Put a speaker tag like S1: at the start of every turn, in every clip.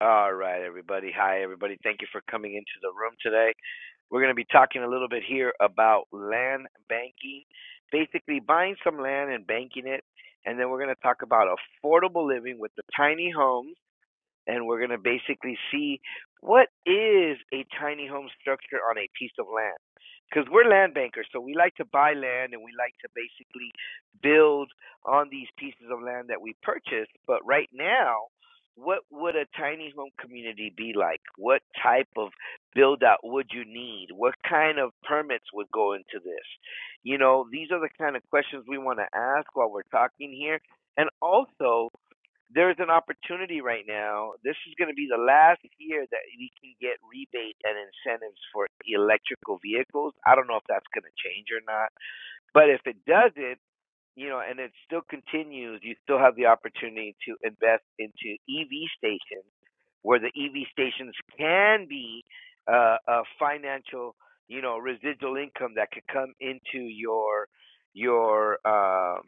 S1: All right, everybody. Hi, everybody. Thank you for coming into the room today. We're going to be talking a little bit here about land banking, basically buying some land and banking it. And then we're going to talk about affordable living with the tiny homes and we're going to basically see what is a tiny home structure on a piece of land. Because we're land bankers, so we like to buy land and we like to basically build on these pieces of land that we purchase. But right now, what would a tiny home community be like? What type of build out would you need? What kind of permits would go into this? You know, these are the kind of questions we want to ask while we're talking here. And also, there's an opportunity right now. This is going to be the last year that we can get rebates and incentives for electrical vehicles. I don't know if that's going to change or not, but if it doesn't, you know, and it still continues, you still have the opportunity to invest into EV stations where the EV stations can be uh, a financial, you know, residual income that could come into your your um,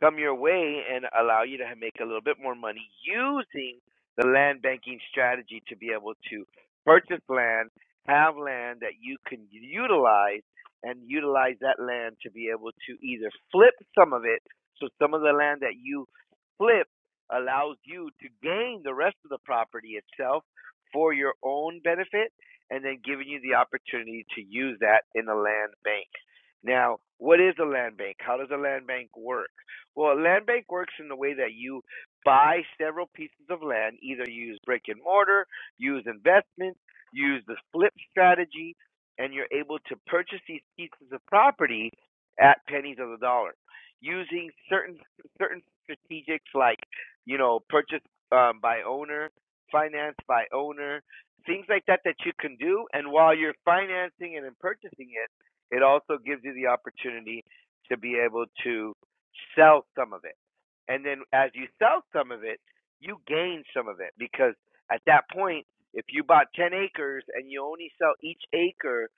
S1: come your way and allow you to make a little bit more money using the land banking strategy to be able to purchase land, have land that you can utilize, and utilize that land to be able to either flip some of it. So, some of the land that you flip allows you to gain the rest of the property itself for your own benefit, and then giving you the opportunity to use that in a land bank. Now, what is a land bank? How does a land bank work? Well, land bank works in the way that you buy several pieces of land, either use brick and mortar, use investment, use the flip strategy, and you're able to purchase these pieces of property at pennies of the dollar using certain certain strategics like you know purchase um, by owner, finance by owner, things like that that you can do. And while you're financing it and purchasing it, it also gives you the opportunity to be able to sell some of it. And then as you sell some of it, you gain some of it because at that point, if you bought 10 acres and you only sell each acre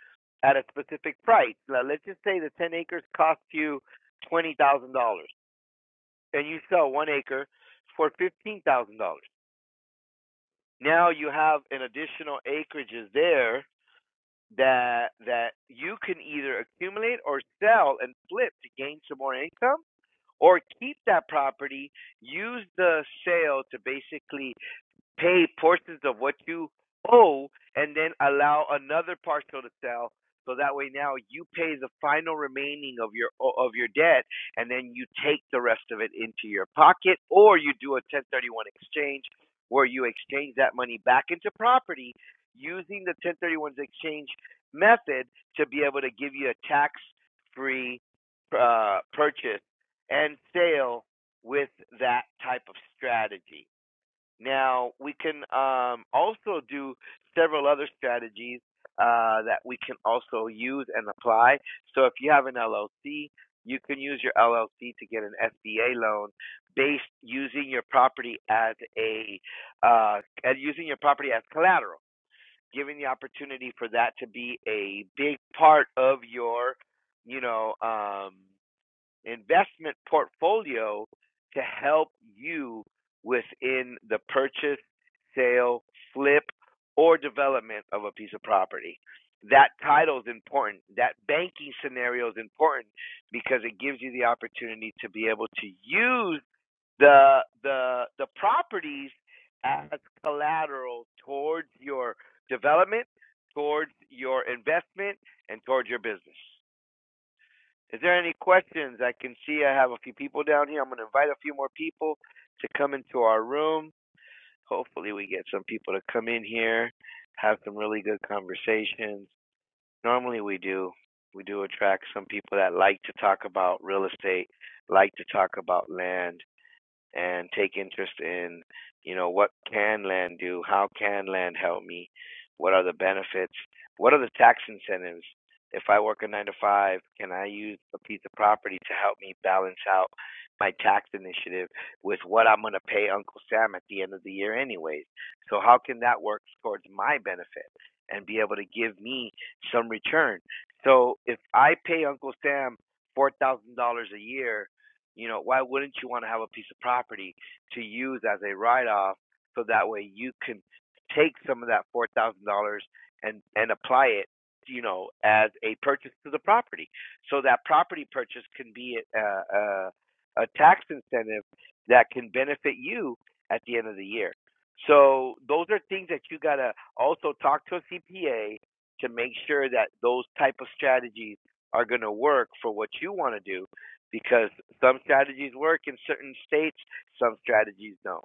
S1: at a specific price, now let's just say the 10 acres cost you $20,000 and you sell one acre for $15,000. Now you have an additional acreages there that that you can either accumulate or sell and flip to gain some more income or keep that property, use the sale to basically pay portions of what you owe and then allow another partial to sell so that way now you pay the final remaining of your of your debt and then you take the rest of it into your pocket or you do a 1031 exchange where you exchange that money back into property using the 1031 exchange method to be able to give you a tax free uh, purchase and sale with that type of strategy now we can um, also do several other strategies uh, that we can also use and apply. So if you have an LLC, you can use your LLC to get an SBA loan based using your property as a uh, and using your property as collateral, giving the opportunity for that to be a big part of your, you know, um, investment portfolio to help you within the purchase, sale, flip, or development of a piece of property. That title is important. That banking scenario is important because it gives you the opportunity to be able to use the the the properties as collateral towards your development, towards your investment, and towards your business. Is there any questions? I can see I have a few people down here. I'm going to invite a few more people to come into our room. Hopefully, we get some people to come in here, have some really good conversations. Normally, we do. We do attract some people that like to talk about real estate, like to talk about land, and take interest in, you know, what can land do? How can land help me? What are the benefits? What are the tax incentives? If I work a nine to five, can I use a piece of property to help me balance out my tax initiative with what I'm going to pay Uncle Sam at the end of the year, anyways? So, how can that work towards my benefit and be able to give me some return? So, if I pay Uncle Sam $4,000 a year you know, why wouldn't you want to have a piece of property to use as a write off so that way you can take some of that four thousand dollars and and apply it, you know, as a purchase to the property. So that property purchase can be a a, a tax incentive that can benefit you at the end of the year. So those are things that you gotta also talk to a CPA to make sure that those type of strategies are going to work for what you want to do because some strategies work in certain states, some strategies don't.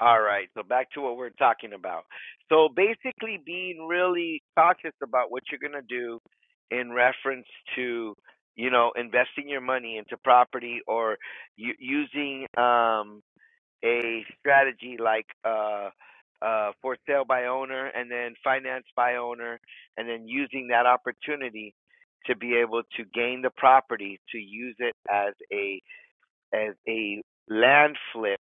S1: All right, so back to what we're talking about. So basically, being really cautious about what you're going to do in reference to, you know, investing your money into property or u- using um, a strategy like uh, uh, for sale by owner and then finance by owner, and then using that opportunity to be able to gain the property to use it as a as a land flip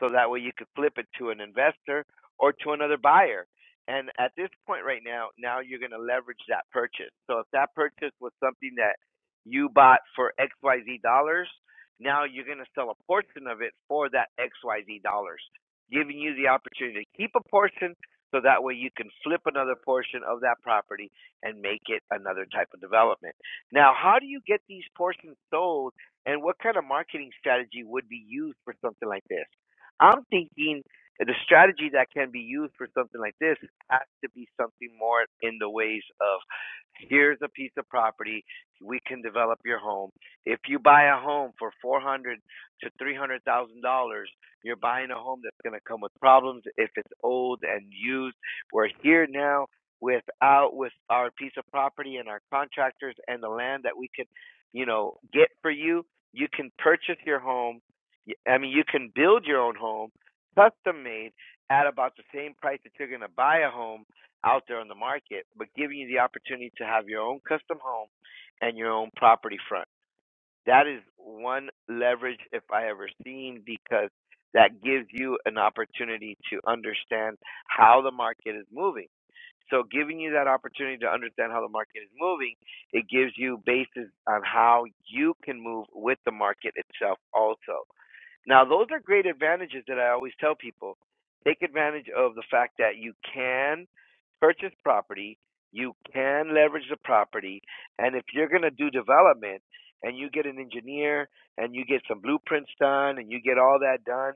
S1: so that way you could flip it to an investor or to another buyer. And at this point right now, now you're going to leverage that purchase. So if that purchase was something that you bought for XYZ dollars, now you're going to sell a portion of it for that XYZ dollars, giving you the opportunity to keep a portion so that way you can flip another portion of that property and make it another type of development. Now, how do you get these portions sold and what kind of marketing strategy would be used for something like this? I'm thinking the strategy that can be used for something like this has to be something more in the ways of here's a piece of property we can develop your home if you buy a home for 400 to 300 thousand dollars you're buying a home that's going to come with problems if it's old and used we're here now with out with our piece of property and our contractors and the land that we can you know get for you you can purchase your home. I mean, you can build your own home, custom made, at about the same price that you're going to buy a home out there on the market, but giving you the opportunity to have your own custom home and your own property front. That is one leverage if I ever seen because that gives you an opportunity to understand how the market is moving. So giving you that opportunity to understand how the market is moving, it gives you basis on how you can move with the market itself also. Now, those are great advantages that I always tell people. Take advantage of the fact that you can purchase property, you can leverage the property, and if you're going to do development, and you get an engineer and you get some blueprints done and you get all that done,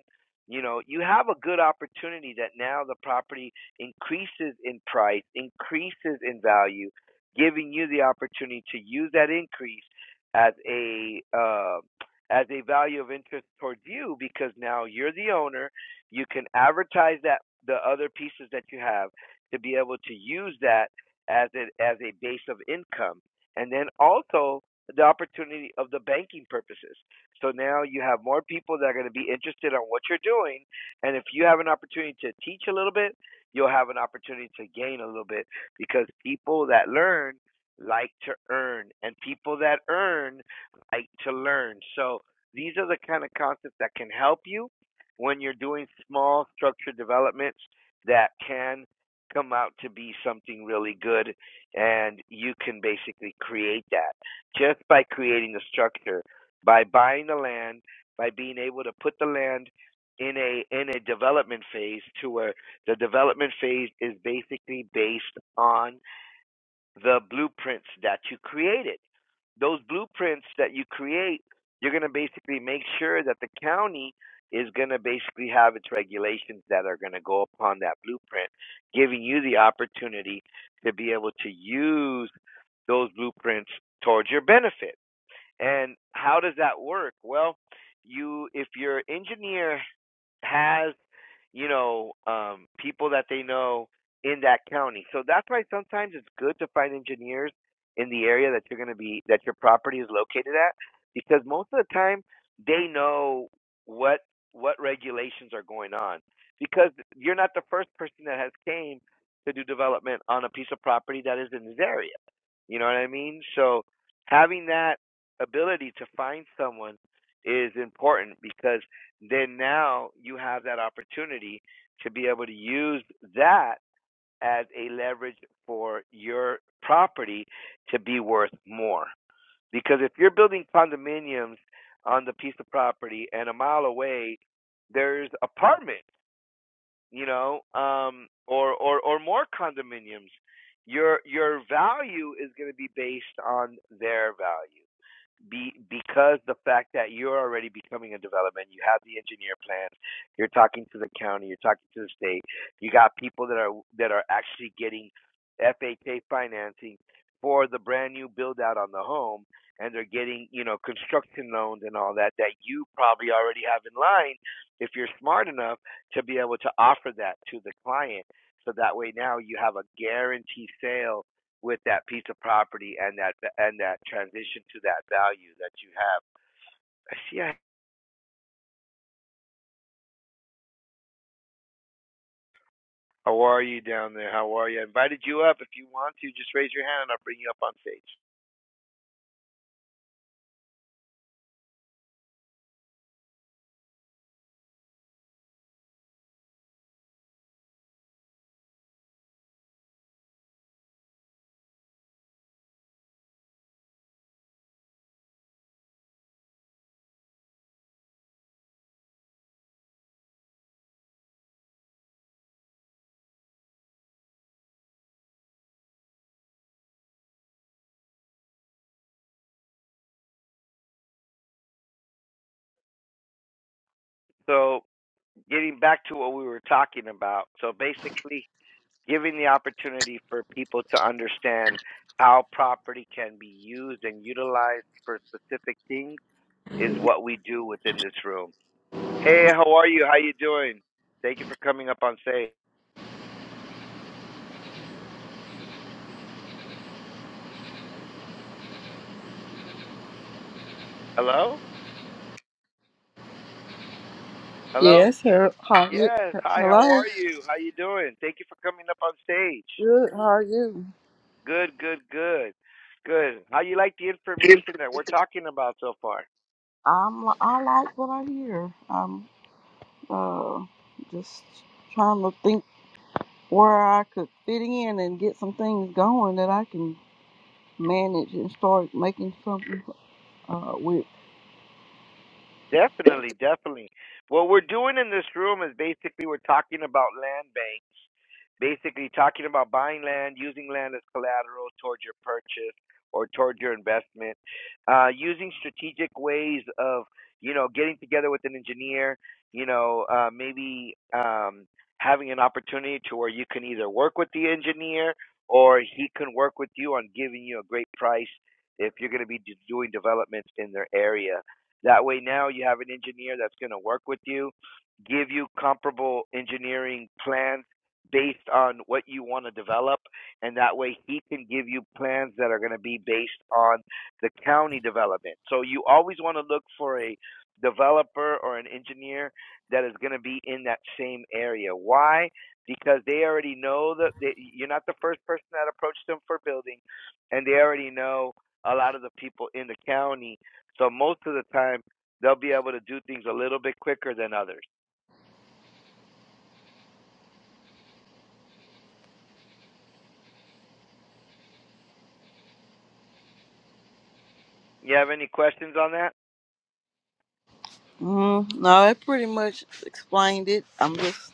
S1: you know, you have a good opportunity that now the property increases in price, increases in value, giving you the opportunity to use that increase as a uh, as a value of interest towards you because now you're the owner. You can advertise that the other pieces that you have to be able to use that as a, as a base of income, and then also the opportunity of the banking purposes. So now you have more people that are going to be interested on what you're doing, and if you have an opportunity to teach a little bit, you'll have an opportunity to gain a little bit because people that learn like to earn, and people that earn like to learn. So these are the kind of concepts that can help you when you're doing small structured developments that can come out to be something really good and you can basically create that just by creating a structure, by buying the land, by being able to put the land in a in a development phase to where the development phase is basically based on the blueprints that you created. Those blueprints that you create, you're going to basically make sure that the county is going to basically have its regulations that are going to go upon that blueprint, giving you the opportunity to be able to use those blueprints towards your benefit and how does that work? Well, you if your engineer has you know um, people that they know in that county. So that's why sometimes it's good to find engineers in the area that you're going to be that your property is located at, because most of the time they know what what regulations are going on. Because you're not the first person that has came to do development on a piece of property that is in this area. You know what I mean? So having that ability to find someone is important because then now you have that opportunity to be able to use that as a leverage for your property to be worth more. Because if you're building condominiums on the piece of property and a mile away there's apartments, you know, um, or, or or more condominiums, your your value is going to be based on their value be because the fact that you're already becoming a development, you have the engineer plans, you're talking to the county, you're talking to the state, you got people that are that are actually getting FHA financing for the brand new build out on the home and they're getting, you know, construction loans and all that that you probably already have in line if you're smart enough to be able to offer that to the client. So that way now you have a guaranteed sale with that piece of property and that and that transition to that value that you have. I see. I- How are you down there? How are you? I invited you up. If you want to, just raise your hand. I'll bring you up on stage. So, getting back to what we were talking about. So basically, giving the opportunity for people to understand how property can be used and utilized for specific things is what we do within this room. Hey, how are you? How you doing? Thank you for coming up on stage. Hello? Hello?
S2: Yes, her, how you,
S1: Yes.
S2: he-
S1: Hi,
S2: hello.
S1: how are you? How you doing? Thank you for coming up on stage.
S2: Good, how are you?
S1: Good, good, good. Good. How you like the information that we're talking about so far?
S2: I'm I like what I hear. I'm uh just trying to think where I could fit in and get some things going that I can manage and start making something uh with.
S1: Definitely, definitely. What we're doing in this room is basically we're talking about land banks, basically talking about buying land, using land as collateral towards your purchase or towards your investment, uh, using strategic ways of, you know, getting together with an engineer, you know, uh, maybe um, having an opportunity to where you can either work with the engineer or he can work with you on giving you a great price if you're going to be d- doing developments in their area that way, now you have an engineer that's going to work with you, give you comparable engineering plans based on what you want to develop, and that way he can give you plans that are going to be based on the county development. So you always want to look for a developer or an engineer that is going to be in that same area. Why? Because they already know that they, you're not the first person that approached them for building, and they already know a lot of the people in the county so most of the time, they'll be able to do things a little bit quicker than others. You have any questions on that?
S2: Mm, no, that pretty much explained it. I'm just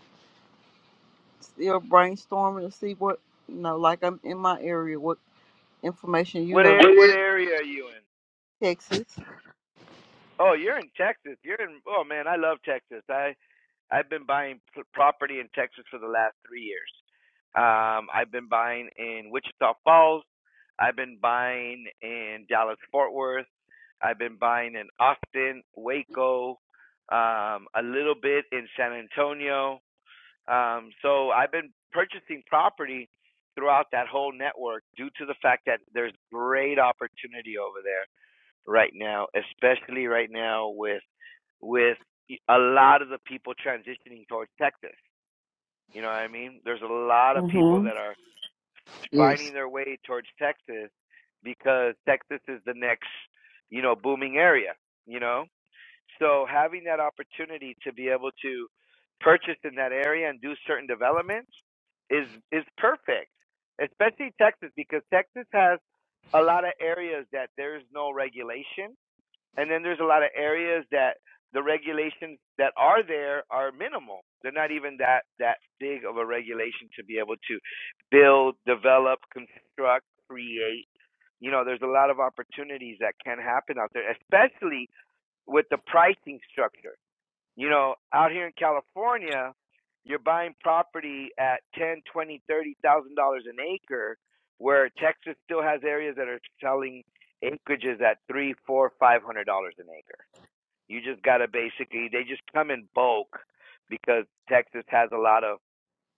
S2: still brainstorming to see what you know, like I'm in my area, what information you
S1: What
S2: have
S1: ar- what area are you in?
S2: Texas.
S1: Oh, you're in Texas. You're in. Oh man, I love Texas. I I've been buying p- property in Texas for the last three years. Um, I've been buying in Wichita Falls. I've been buying in Dallas Fort Worth. I've been buying in Austin, Waco, um, a little bit in San Antonio. Um, so I've been purchasing property throughout that whole network due to the fact that there's great opportunity over there right now, especially right now with with a lot of the people transitioning towards Texas. You know what I mean? There's a lot of people
S2: Mm-hmm.
S1: that are
S2: Yes.
S1: finding their way towards Texas because Texas is the next, you know, booming area, you know? So having that opportunity to be able to purchase in that area and do certain developments is is perfect, especially Texas because Texas has a lot of areas that there's no regulation, and then there's a lot of areas that the regulations that are there are minimal. They're not even that that big of a regulation to be able to build, develop, construct, create. You know, there's a lot of opportunities that can happen out there, especially with the pricing structure. You know, out here in California, you're buying property at ten, twenty, thirty thousand dollars an acre, where Texas still has areas that are selling acreages at three, four, five hundred dollars an acre. You just gotta basically they just come in bulk because Texas has a lot of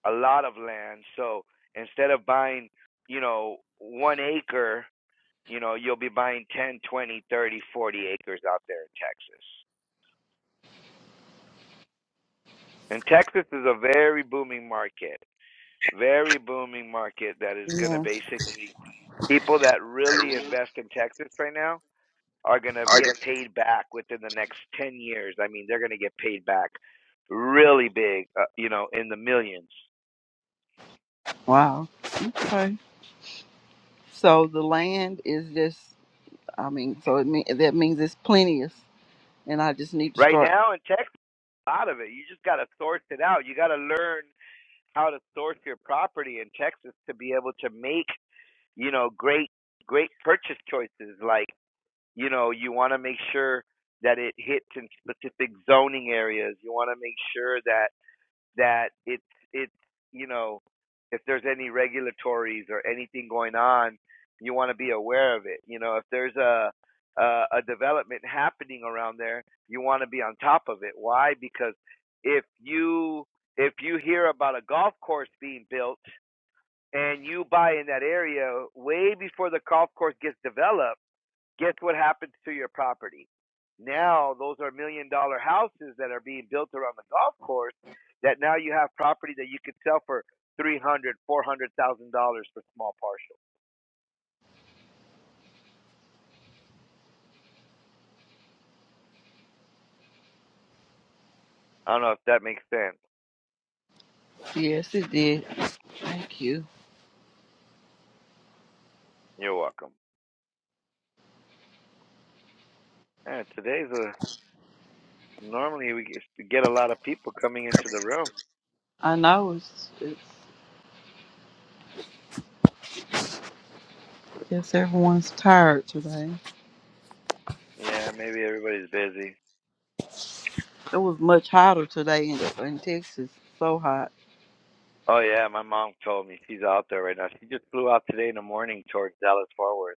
S1: a lot of land. So instead of buying, you know, one acre, you know, you'll be buying ten, twenty, thirty, forty acres out there in Texas. And Texas is a very booming market, very booming market that is going to basically, people that really invest in Texas right now are going to get paid back within the next 10 years. I mean, they're going to get paid back really big, uh, you know, in the millions.
S2: Wow. Okay. So the land is just, I mean, so it mean, that means it's plenteous, and I just need to
S1: Right
S2: start.
S1: now in Texas, a lot of it, you just got to source it out. You got to learn how to source your property in Texas to be able to make, you know, great, great purchase choices. Like, You know, you want to make sure that it hits in specific zoning areas. You want to make sure that that it's it's you know if there's any regulatories or anything going on, you want to be aware of it. You know, if there's a a, a development happening around there, you want to be on top of it. Why? Because if you if you hear about a golf course being built and you buy in that area way before the golf course gets developed Guess what happens to your property? Now those are million dollar houses that are being built around the golf course that now you have property that you could sell for three hundred, four hundred thousand dollars for small parcels. I don't know if that makes sense.
S2: Yes, it did. Thank you.
S1: You're welcome. Yeah, today's a normally we get get a lot of people coming into the room.
S2: I know it's. it's guess everyone's tired today.
S1: Yeah, maybe everybody's busy.
S2: It was much hotter today in, in Texas. So hot.
S1: Oh yeah, my mom told me she's out there right now. She just flew out today in the morning towards Dallas Fort Worth.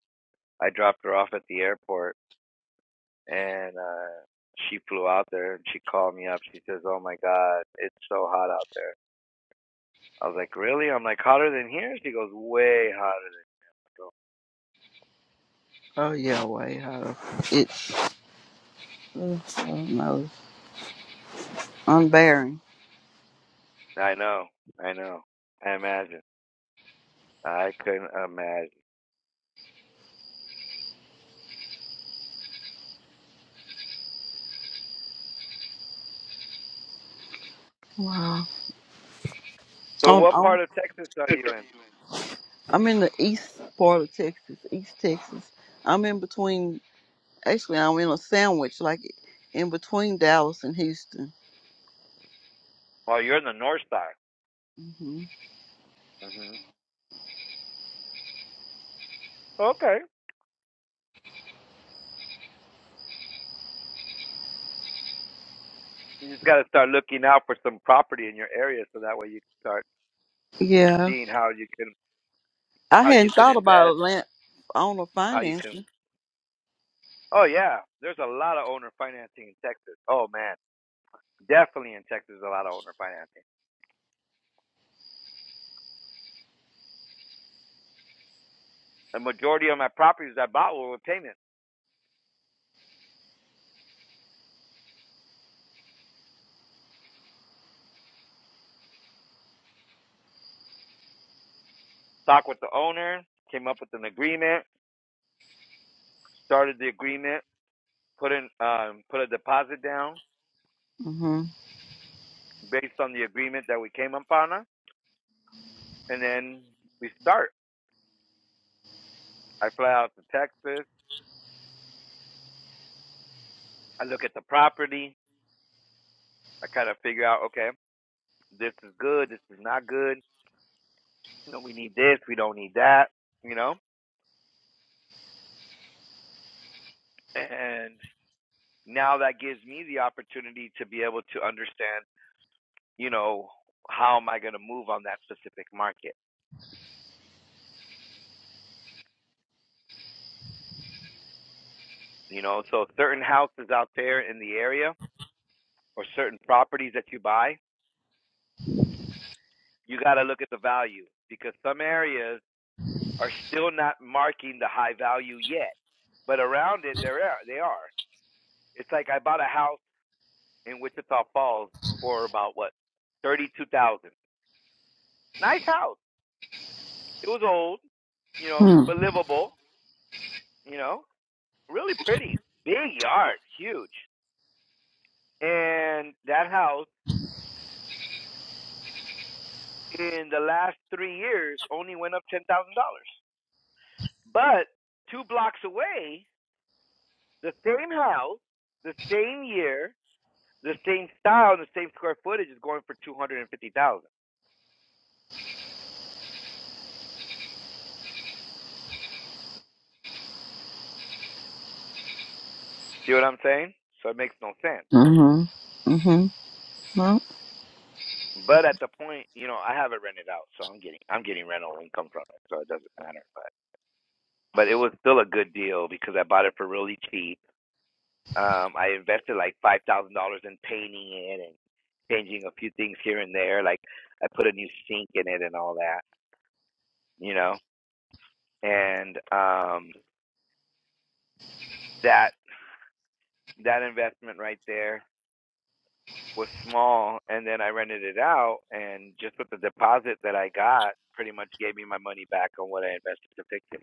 S1: I dropped her off at the airport and uh, she flew out there and she called me up. She says, "Oh my God, it's so hot out there." I was like, "Really?" I'm like, "Hotter than here?" She goes, "Way hotter than." Here. So,
S2: Oh yeah, way hotter. It's. Uh, I don't know. Unbearing.
S1: I know, I know. I imagine. I couldn't imagine.
S2: Wow.
S1: So,
S2: I'm,
S1: what
S2: I'm
S1: part of Texas are you in?
S2: I'm in the east part of Texas, East Texas. I'm in between Actually, I'm in a sandwich, like in between Dallas and Houston.
S1: Well, you're in the north side.
S2: hmm
S1: hmm Okay. You just got to start looking out for some property in your area, so that way you can start
S2: Yeah,
S1: seeing how you can
S2: I
S1: how you
S2: hadn't
S1: can
S2: thought about
S1: invest,
S2: land owner
S1: how you can.
S2: financing.
S1: Oh yeah, there's a lot of owner financing in Texas. Oh man, Definitely in Texas, a lot of owner financing. The majority of my properties I bought were with payments. Talked with the owner, came up with an agreement, started the agreement, put in um, put a deposit down
S2: Mm-hmm.
S1: based on the agreement that we came up on, and then we start. I fly out to Texas. I look at the property. I kind of figure out, okay, this is good, this is not good. You know, we need this, we don't need that. You know, and now that gives me the opportunity to be able to understand you know, how am I going to move on that specific market? You know, so certain houses out there in the area or certain properties that you buy, you got to look at the value because some areas are still not marking the high value yet, but around it, there are, they are. It's like I bought a house in Wichita Falls for about what, 32,000. Nice house. It was old, you know,
S2: Hmm.
S1: but livable, you know, really pretty. Big yard, huge. And that house in the last three years only went up ten thousand dollars. But two blocks away, the same house, the same year, the same style, the same square footage is going for two hundred and fifty thousand. dollars. See what I'm saying? So it makes no sense.
S2: Mm-hmm. Mm-hmm. No.
S1: But at the point, you know, I have it rented out, so I'm getting I'm getting rental income from it, so it doesn't matter. But but it was still a good deal because I bought it for really cheap Um, I invested like five thousand dollars in painting it and changing a few things here and there. Like I put a new sink in it and all that, you know. And um, that that investment right there was small, and then I rented it out, and just with the deposit that I got, pretty much gave me my money back on what I invested to fix it.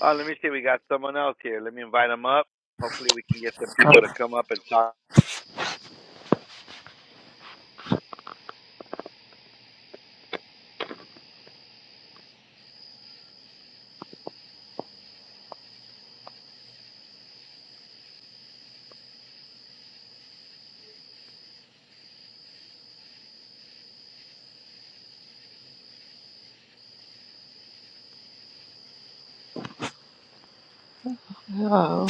S1: Oh, let me see, we got someone else here. Let me invite them up. Hopefully, we can get some people to come up and talk.
S2: Oh.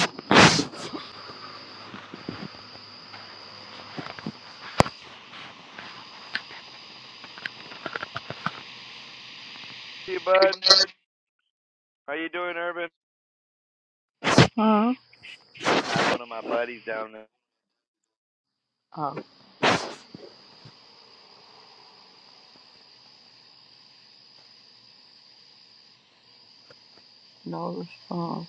S1: to you, bud, how you doing, Urban?
S2: Huh?
S1: I have one of my buddies down there.
S2: Oh. No response.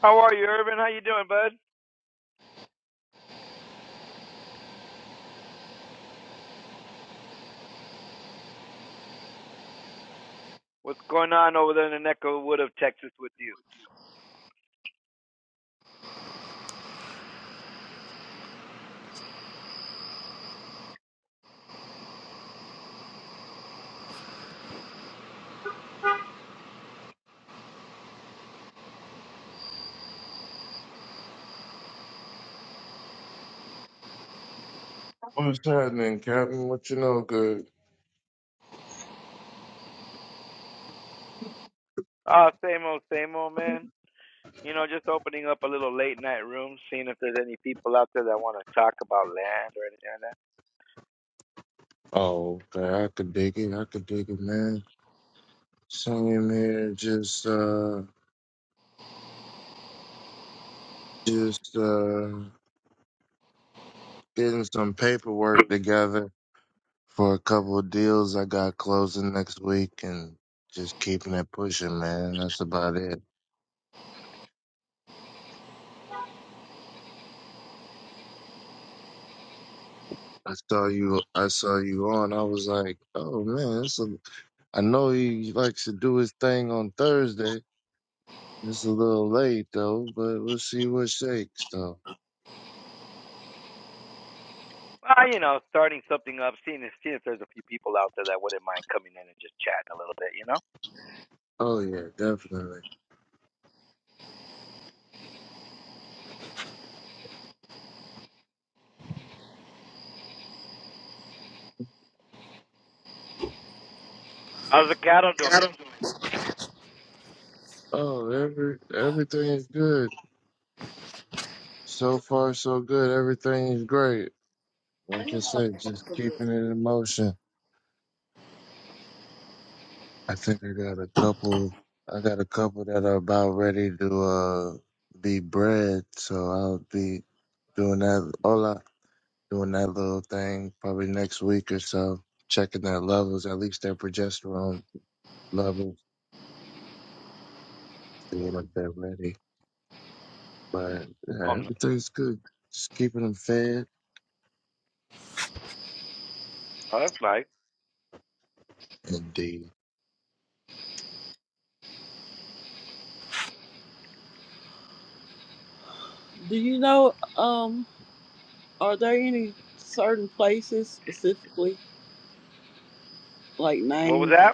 S1: How are you, Urban? How you doing, bud? What's going on over there in the neck of the wood of Texas with you?
S3: What's happening, Captain? What you know good?
S1: Ah, same old, same old, man. You know, just opening up a little late night room, seeing if there's any people out there that want to talk about land or anything like that.
S3: Oh, okay. I could dig it. I could dig it, man. Sitting here just uh just uh getting some paperwork together for a couple of deals I got closing next week and just keeping it pushing, man. That's about it. I saw you I saw you on. I was like, oh man, it's a, I know he likes to do his thing on Thursday. It's a little late though, but we'll see what shakes though.
S1: Well, you know, starting something up, seeing if, seeing if there's a few people out there that wouldn't mind coming in and just chatting a little bit, you know?
S3: Oh yeah, definitely.
S1: How's the cattle doing?
S3: Oh, every everything is good. So far, so good. Everything is great. Like I said, just keeping it in motion. I think I got a couple. I got a couple that are about ready to uh be bred, so I'll be doing that. Hola, doing that little thing probably next week or so. Checking their levels, at least their progesterone levels, seeing if they're ready. But yeah,
S1: Um,
S3: everything's good. Just keeping them fed.
S1: uh, like,
S3: Indeed.
S2: Do you know? Um. Are there any certain places specifically, like
S1: what was
S2: names?
S1: that?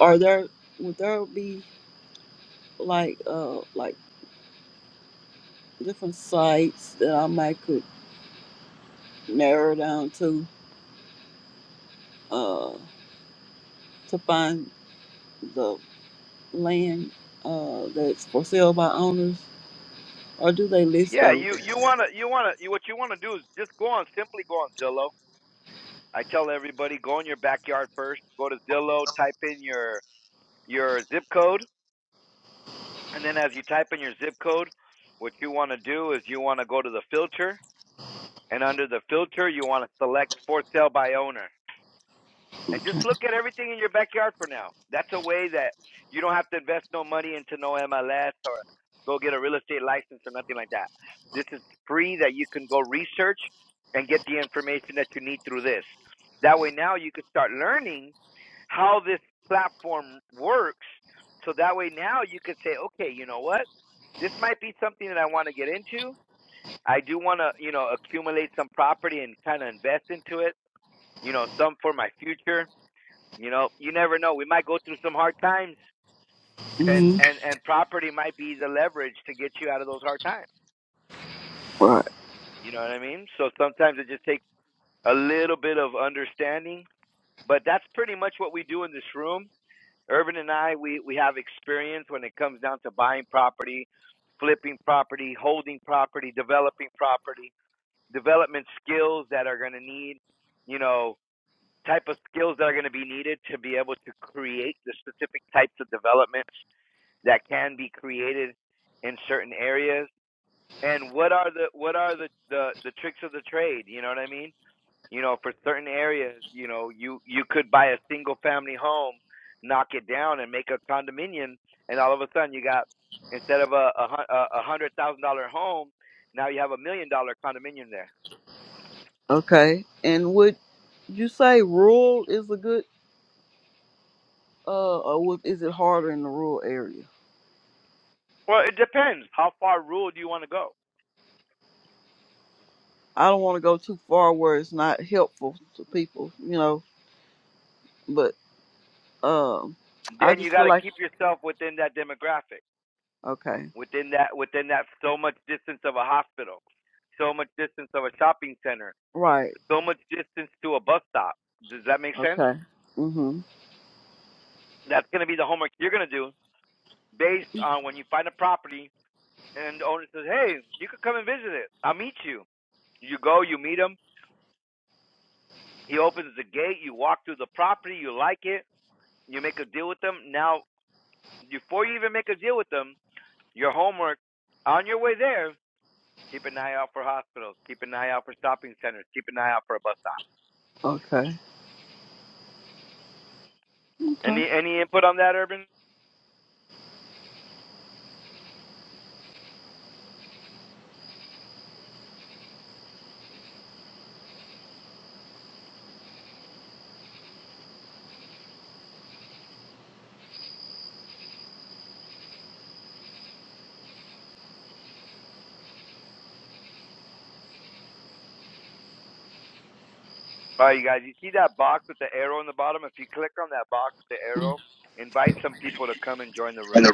S2: Are there? Would there be like uh like different sites that I might could narrow down to? uh, to find the land uh, that's for sale by owners, or do they list
S1: Yeah,
S2: those?
S1: you you wanna you wanna you, what you wanna do is just go on, simply go on Zillow I tell everybody go in your backyard first, go to Zillow, type in your your zip code, and then as you type in your zip code, what you want to do is you want to go to the filter, and under the filter you want to select for sale by owner. And just look at everything in your backyard for now. That's a way that you don't have to invest no money into no MLS or go get a real estate license or nothing like that. This is free that you can go research and get the information that you need through this. That way now you can start learning how this platform works. So that way now you could say, okay, you know what? This might be something that I want to get into. I do want to, you know, accumulate some property and kind of invest into it, you know, some for my future you know, you never know. We might go through some hard times, and
S2: hmm
S1: and and property might be the leverage to get you out of those hard times.
S2: Right.
S1: You know what I mean? So sometimes it just takes a little bit of understanding, but that's pretty much what we do in this room. Urban and I, we we have experience when it comes down to buying property, flipping property, holding property, developing property, development skills that are going to need, you know, type of skills that are going to be needed to be able to create the specific types of developments. that can be created in certain areas and what are the what are the the, the tricks of the trade you know what i mean you know for certain areas you know you you could buy a single family home knock it down and make a condominium and all of a sudden you got instead of a a, hun- a hundred thousand dollar home now you have a million dollar condominium there
S2: Okay. And would you say rural is a good, uh, or would, is it harder in the rural area?
S1: well it depends how far rural do you want to go
S2: I don't want to go too far where it's not helpful to people, you know. But um, I
S1: then you
S2: just
S1: got
S2: feel
S1: to
S2: like
S1: keep yourself within that demographic
S2: okay,
S1: within that within that so much distance of a hospital, so much distance of a shopping center,
S2: right,
S1: so much distance to a bus stop. Does that make sense?
S2: okay, mhm,
S1: That's going to be the homework you're going to do based on when you find a property and the owner says, "Hey, you could come and visit it. I'll meet you." You go, you meet him. He opens the gate. You walk through the property. You like it. You make a deal with them. Now, before you even make a deal with them, your homework on your way there Keep an eye out for hospitals. Keep an eye out for shopping centers. Keep an eye out for a bus stop.
S2: okay, okay.
S1: Any any input on that, Urban? All right, you guys. You see that box with the arrow in the bottom? If you click on that box with the arrow, invite some people to come and join the room.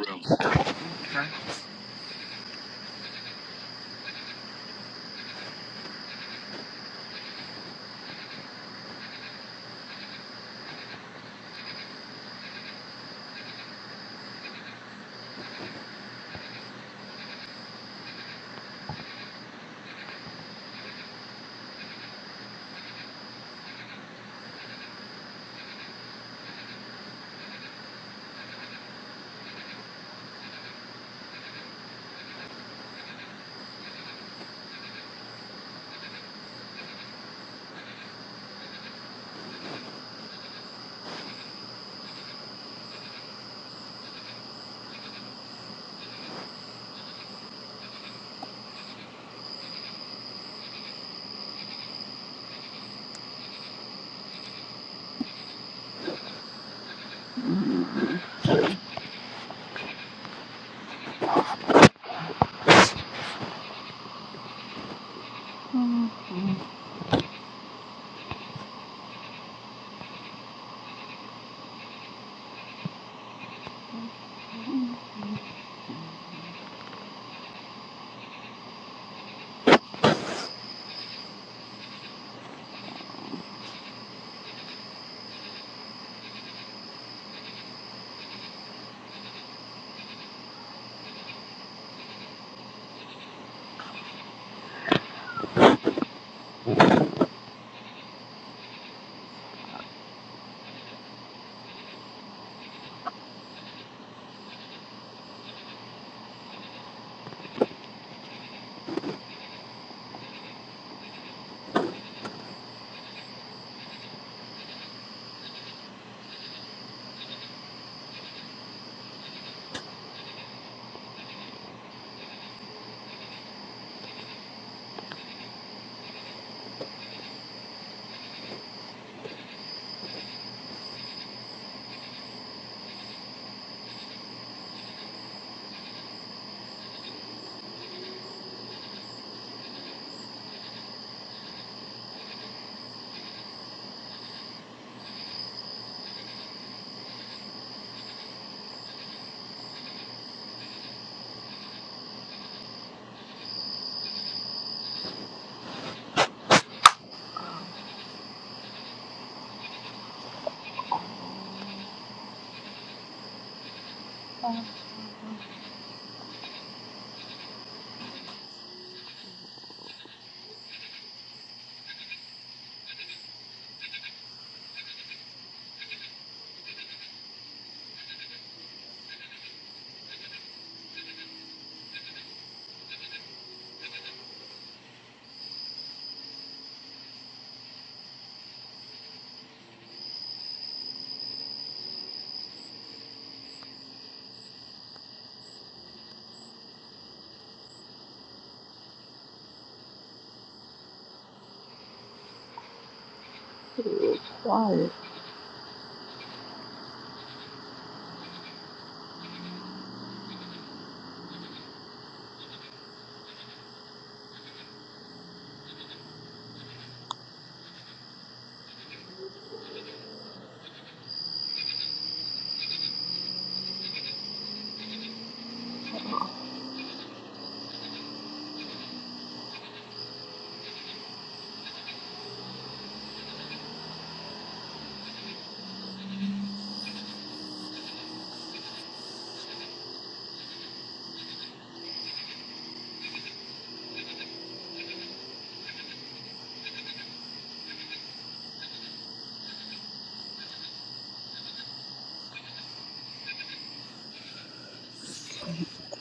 S2: Mhm.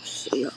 S2: See ya.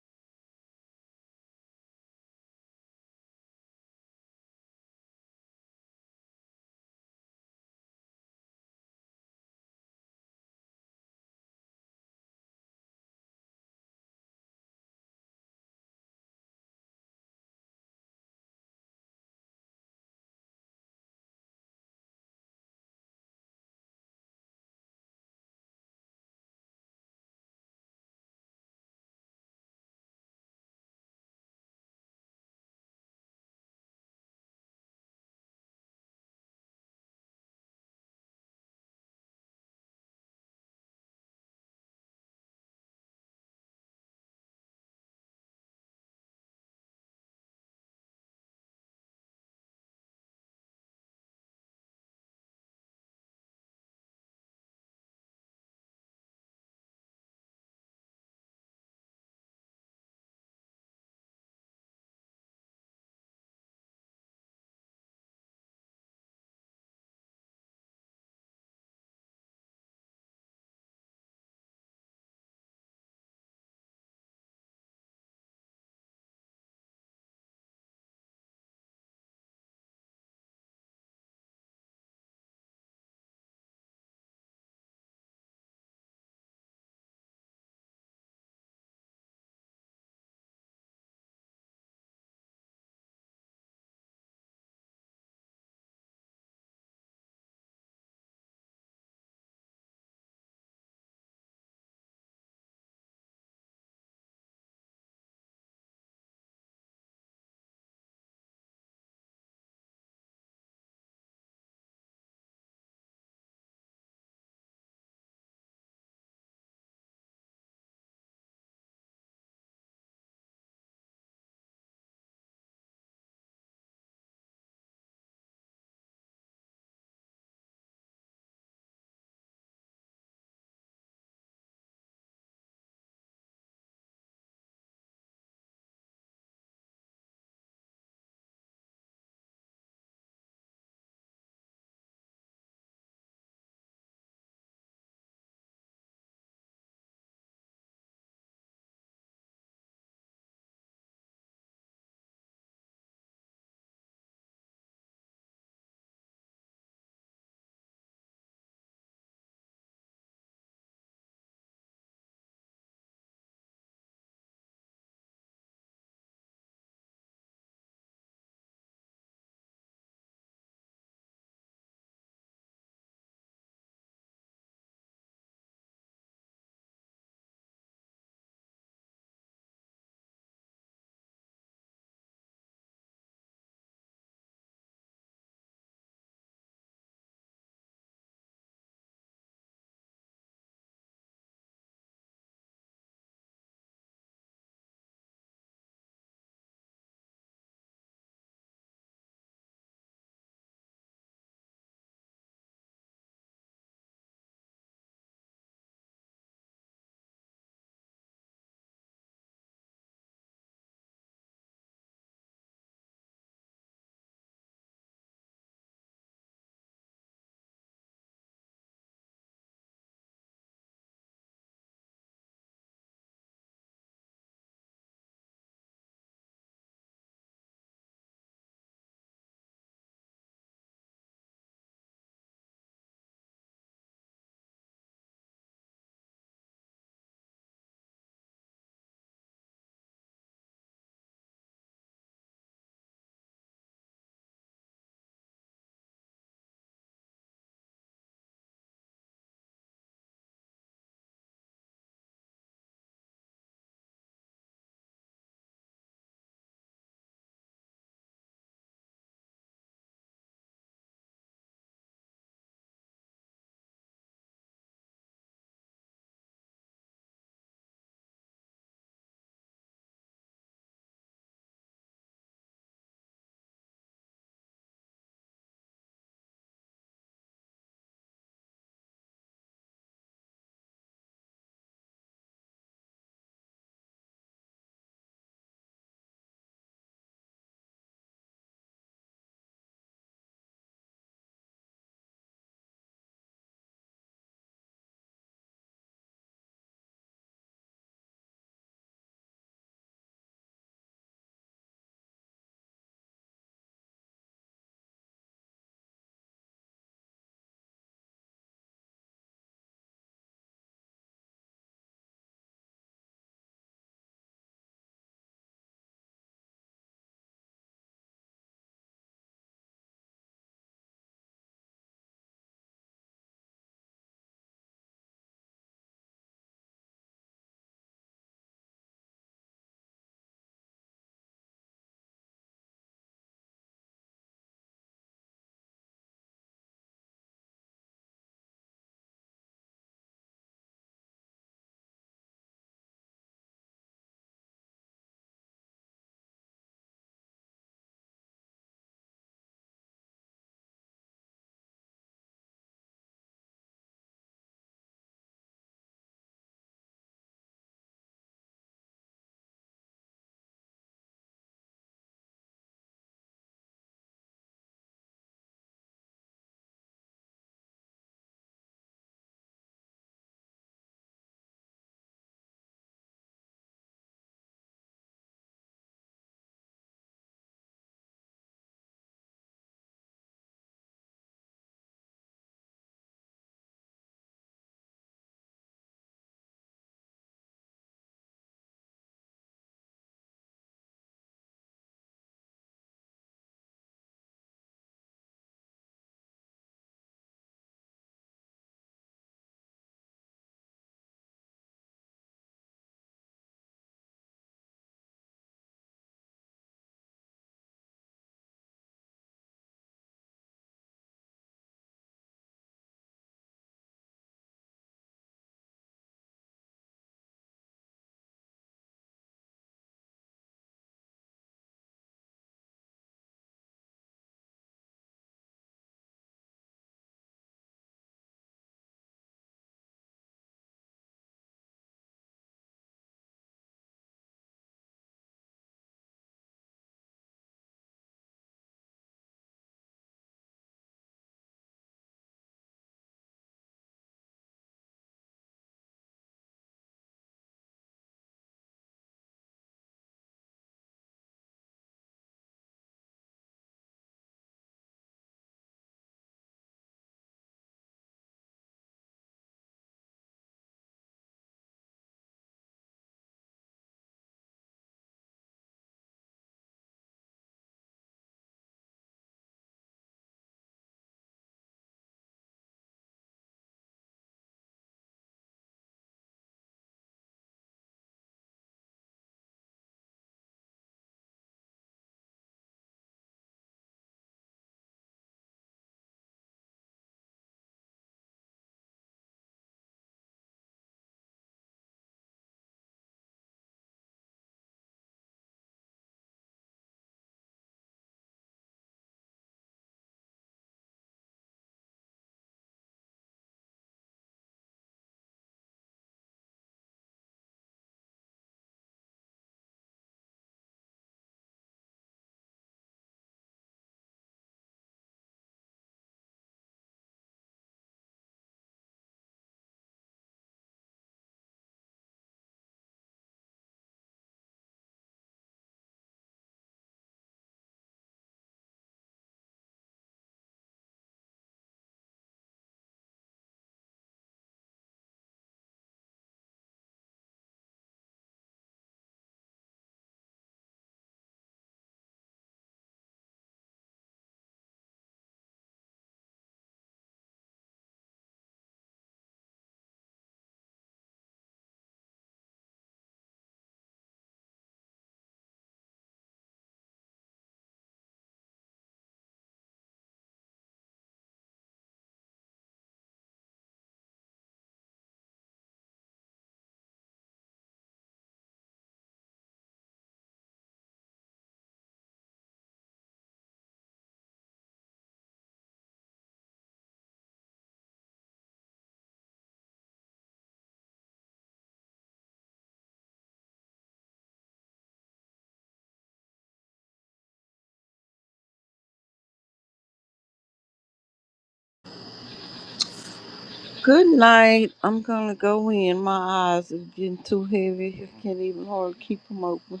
S2: Good night. I'm gonna go in. My eyes have getting too heavy. I can't even hardly keep them open.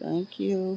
S2: Thank you.